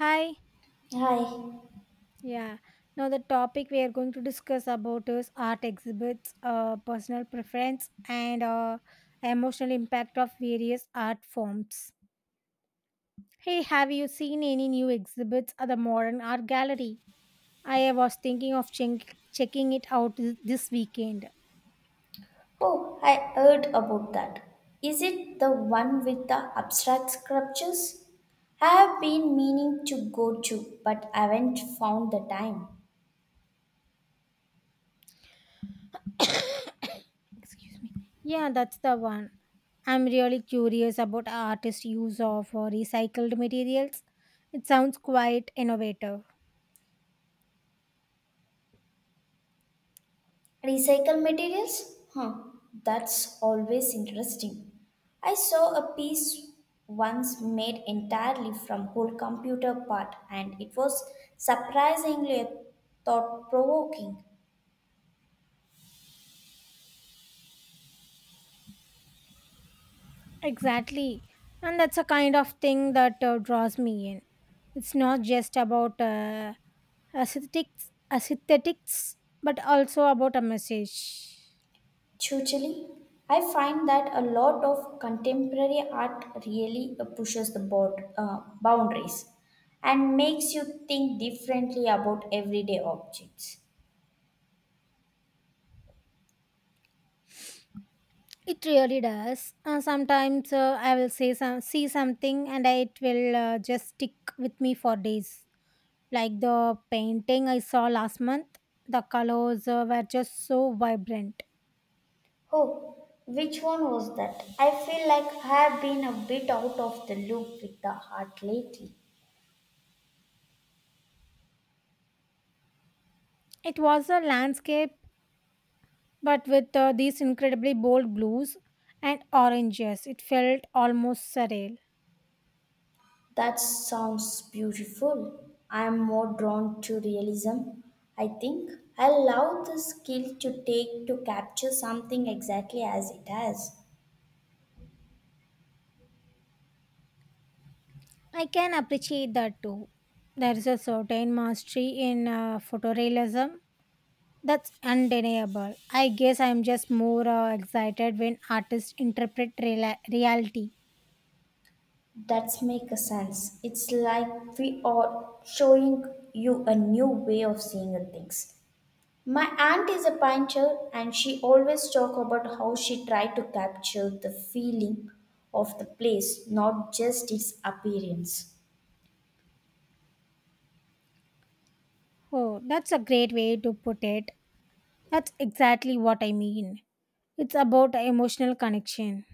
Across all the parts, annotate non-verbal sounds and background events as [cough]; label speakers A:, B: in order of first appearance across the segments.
A: Hi.
B: Hi.
A: Yeah. Now the topic we are going to discuss about is art exhibits, personal preference, and emotional impact of various art forms. Hey, have you seen any new exhibits at the modern art gallery? I was thinking of checking it out this weekend.
B: Oh, I heard about that. Is it the one with the abstract sculptures? I have been meaning to go to, but haven't found the time.
A: [coughs] Excuse me. Yeah, that's the one. I'm really curious about artists' use of recycled materials. It sounds quite innovative.
B: Recycle materials? Huh, that's always interesting. I saw a piece once made entirely from whole computer part and it was surprisingly thought provoking.
A: Exactly. And that's a kind of thing that draws me in. It's not just about aesthetics, but also about a message.
B: Totally. I find that a lot of contemporary art really pushes the board, boundaries and makes you think differently about everyday objects.
A: It really does. Sometimes I will see something and it will just stick with me for days. Like the painting I saw last month, the colors were just so vibrant.
B: Oh, which one was that? I feel like I have been a bit out of the loop with the art lately.
A: It was a landscape but with these incredibly bold blues and oranges, it felt almost surreal.
B: That sounds beautiful. I am more drawn to realism, I think. I love the skill to take to capture something exactly as it is.
A: I can appreciate that too. There is a certain mastery in photorealism that's undeniable. I guess I'm just more excited when artists interpret reality.
B: That's make a sense. It's like we are showing you a new way of seeing the things. My aunt is a painter and she always talk about how she tried to capture the feeling of the place, not just its appearance.
A: Oh, that's a great way to put it. That's exactly what I mean. It's about emotional connection.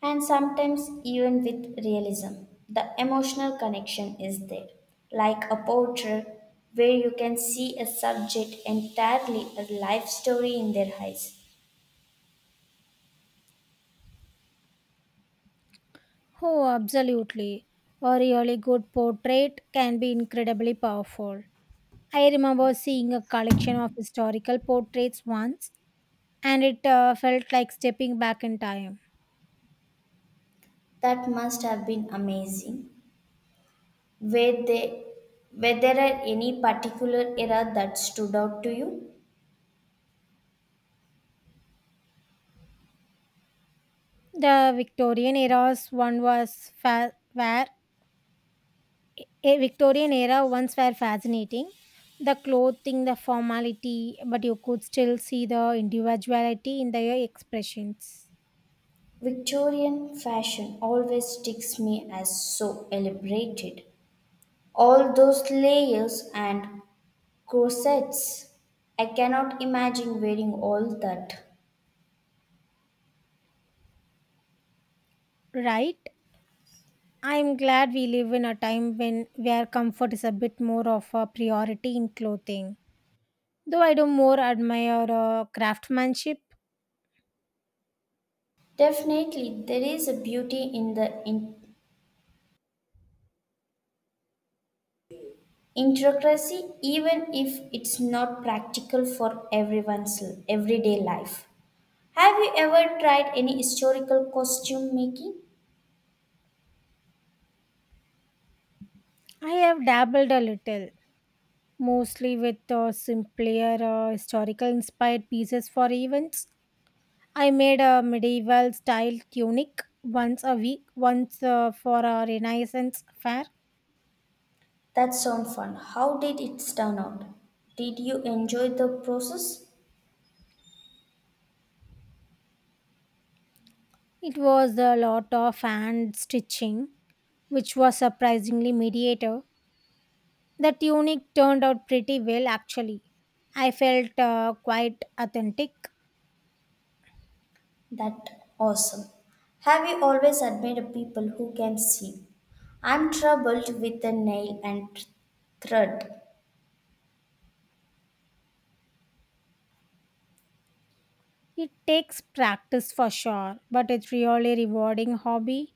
B: And sometimes even with realism, the emotional connection is there. Like a portrait where you can see a subject entirely a life story in their eyes.
A: Oh, absolutely. A really good portrait can be incredibly powerful. I remember seeing a collection of historical portraits once, and it felt like stepping back in time.
B: That must have been amazing. Were there, were there are any particular era that stood out to you?
A: The Victorian era's one was fa- where A Victorian era once were fascinating. The clothing, the formality, but you could still see the individuality in their expressions.
B: Victorian fashion always sticks me as so elaborated. All those layers and corsets. I cannot imagine wearing all that.
A: Right? I'm glad we live in a time when where comfort is a bit more of a priority in clothing. Though I do more admire craftsmanship.
B: Definitely, there is a beauty in the intricacy, even if it's not practical for everyone's everyday life. Have you ever tried any historical costume making?
A: I have dabbled a little, mostly with simpler historical inspired pieces for events. I made a medieval style tunic once for a Renaissance fair.
B: That sounds fun. How did it turn out? Did you enjoy the process?
A: It was a lot of hand stitching, which was surprisingly mediator. The tunic turned out pretty well, actually. I felt quite authentic.
B: That awesome. Have you always admired people who can see? I'm troubled with the nail and thread.
A: It takes practice for sure, but it's really rewarding hobby.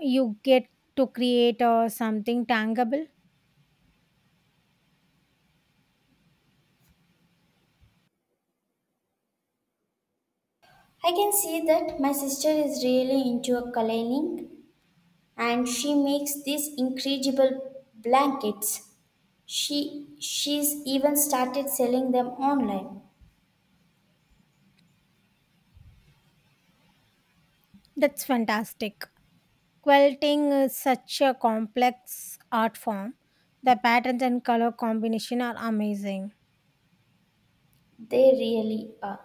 A: You get to create something tangible.
B: I can see that my sister is really into a coloring and she makes these incredible blankets. She she's even started selling them online.
A: That's fantastic. Quilting is such a complex art form. The patterns and color combination are amazing.
B: They really are.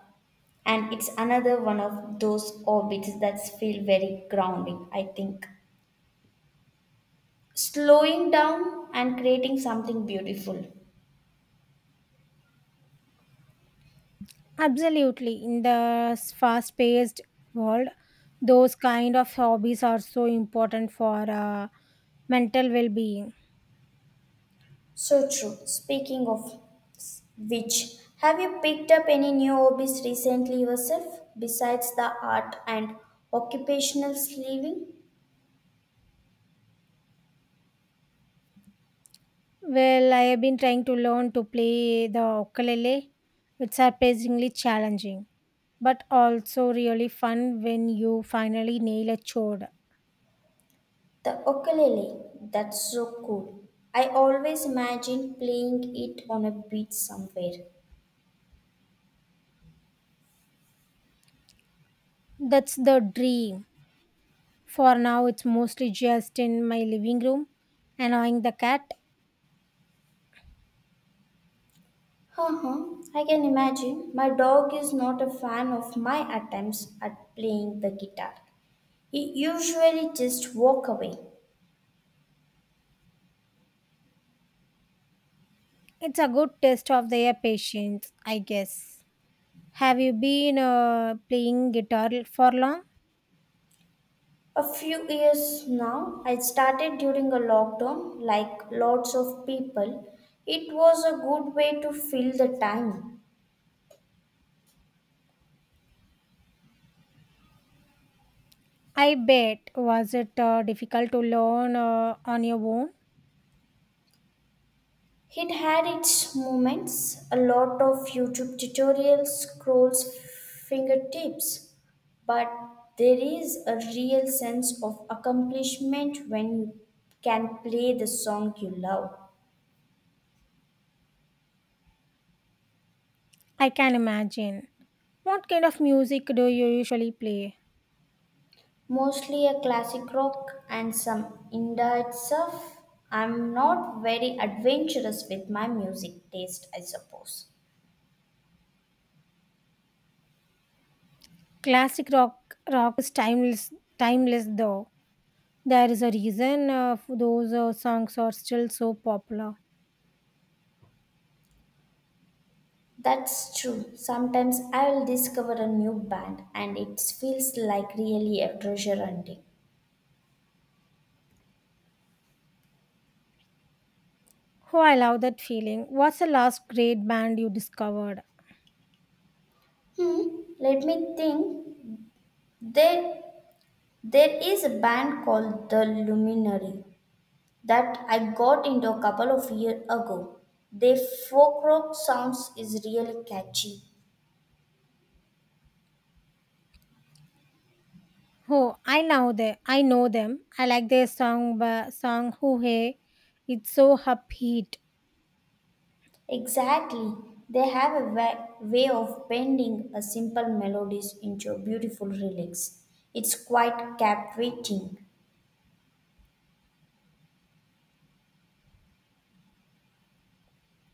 B: And it's another one of those orbits that feel very grounding, I think. Slowing down and creating something beautiful.
A: Absolutely, in the fast paced world those kind of hobbies are so important for mental well being.
B: So true. Speaking of which, have you picked up any new hobbies recently yourself besides the art and occupational sleeving?
A: Well, I have been trying to learn to play the ukulele. It's surprisingly challenging, but also really fun when you finally nail a chord.
B: The ukulele, that's so cool. I always imagine playing it on a beach somewhere.
A: That's the dream. For now, it's mostly just in my living room, annoying the cat.
B: Uh-huh. I can imagine. My dog is not a fan of my attempts at playing the guitar. He usually just walk away.
A: It's a good test of their patience, I guess. Have you been playing guitar for long?
B: A few years now, I started during a lockdown, like lots of people. It was a good way to fill the time.
A: I bet. Was it difficult to learn on your own?
B: It had its moments, a lot of YouTube tutorials, scrolls, fingertips, but there is a real sense of accomplishment when you can play the song you love.
A: I can imagine. What kind of music do you usually play?
B: Mostly a classic rock and some indie stuff. I'm not very adventurous with my music taste, I suppose.
A: Classic rock is timeless though. There is a reason those songs are still so popular.
B: That's true. Sometimes I will discover a new band and it feels like really a treasure hunting.
A: Oh, I love that feeling. What's the last great band you discovered?
B: Hmm, let me think. There, there is a band called The Luminary that I got into a couple of years ago. Their folk rock sounds is really catchy.
A: Oh, I know them. I like their song Hoo Hey. It's so upbeat.
B: Exactly. They have a way of bending a simple melodies into a beautiful lyrics. It's quite captivating.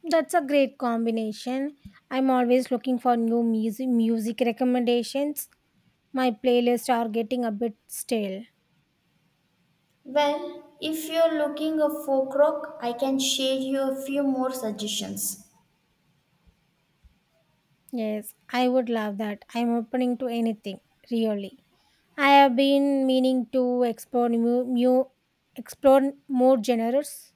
A: That's a great combination. I'm always looking for new music recommendations. My playlists are getting a bit stale.
B: Well, if you're looking a folk rock, I can share you a few more suggestions.
A: Yes, I would love that. I'm opening to anything, really. I have been meaning to explore new, new explore more genres.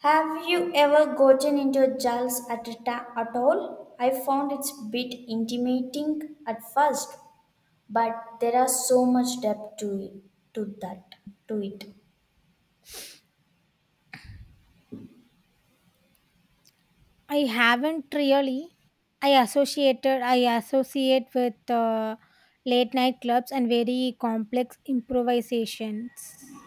B: Have you ever gotten into a jazz at all? I found it's a bit intimidating at first, but there are so much depth to it, to that to it.
A: I haven't really. I associate with late night clubs and very complex improvisations.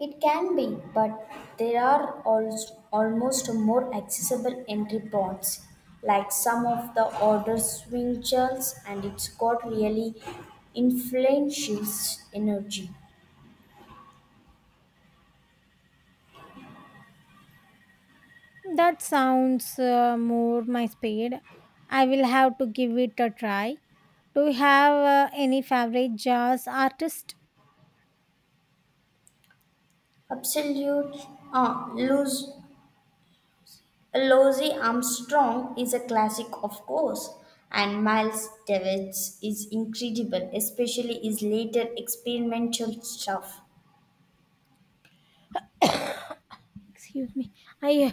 B: It can be, but there are also almost more accessible entry points, like some of the older swing jazz, and it's got really influential energy.
A: That sounds more my speed. I will have to give it a try. Do you have any favorite jazz artist?
B: Absolute, loose Louis Armstrong is a classic, of course, and Miles Davis is incredible, especially his later experimental stuff.
A: [coughs] Excuse me. I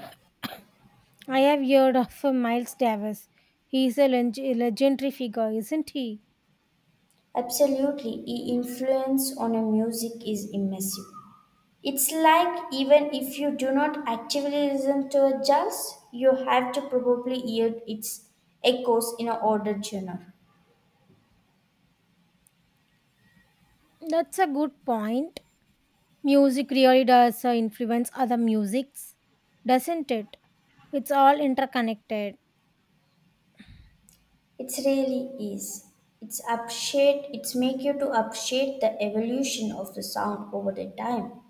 A: I have heard of Miles Davis. He is a legendary figure, isn't he?
B: Absolutely, his influence on a music is immersive. It's like even if you do not actively listen to a jazz, you have to probably hear its echoes in a older genre.
A: That's a good point. Music really does influence other musics, doesn't it? It's all interconnected.
B: It really is. It's appreciate. It's make you to appreciate the evolution of the sound over the time.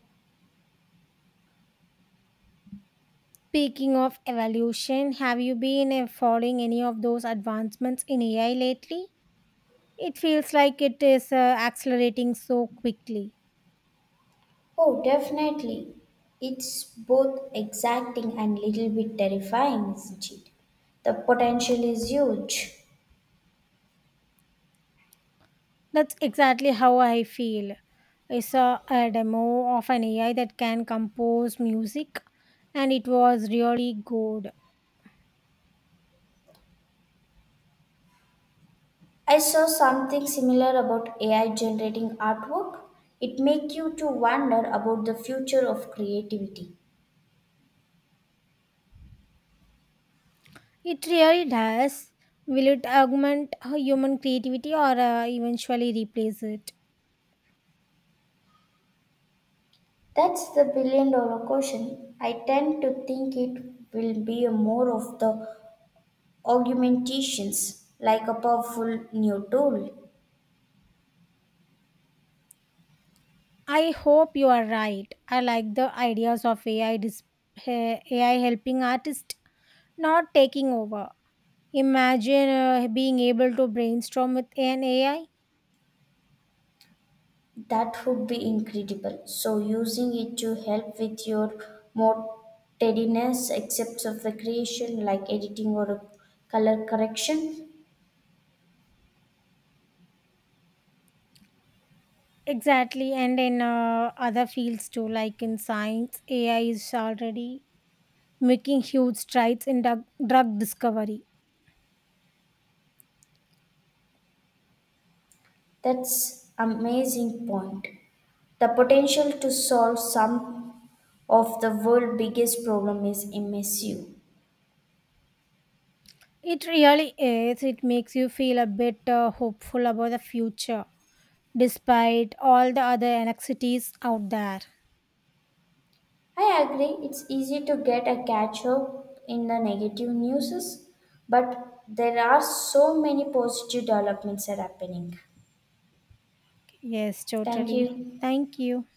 A: Speaking of evolution, have you been following any of those advancements in AI lately? It feels like it is accelerating so quickly.
B: Oh, definitely. It's both exacting and little bit terrifying, isn't it? The potential is huge.
A: That's exactly how I feel. I saw a demo of an AI that can compose music and it was really good.
B: I saw something similar about AI generating artwork. It makes you to wonder about the future of creativity.
A: It really does. Will it augment human creativity or eventually replace it?
B: That's the billion dollar question. I tend to think it will be a more of the augmentations, like a powerful new tool.
A: I hope you are right. I like the ideas of AI helping artists, not taking over. Imagine being able to brainstorm with an AI.
B: That would be incredible. So, using it to help with your more tediness, except of recreation like editing or color correction.
A: Exactly, and in other fields too, like in science, AI is already making huge strides in drug discovery.
B: That's amazing point. The potential to solve some of the world's biggest problem is immersive.
A: It really is. It makes you feel a bit hopeful about the future, despite all the other anxieties out there.
B: I agree, it's easy to get a catch up in the negative news, but there are so many positive developments are happening.
A: Yes,
B: Thank
A: totally.
B: you.
A: Thank you.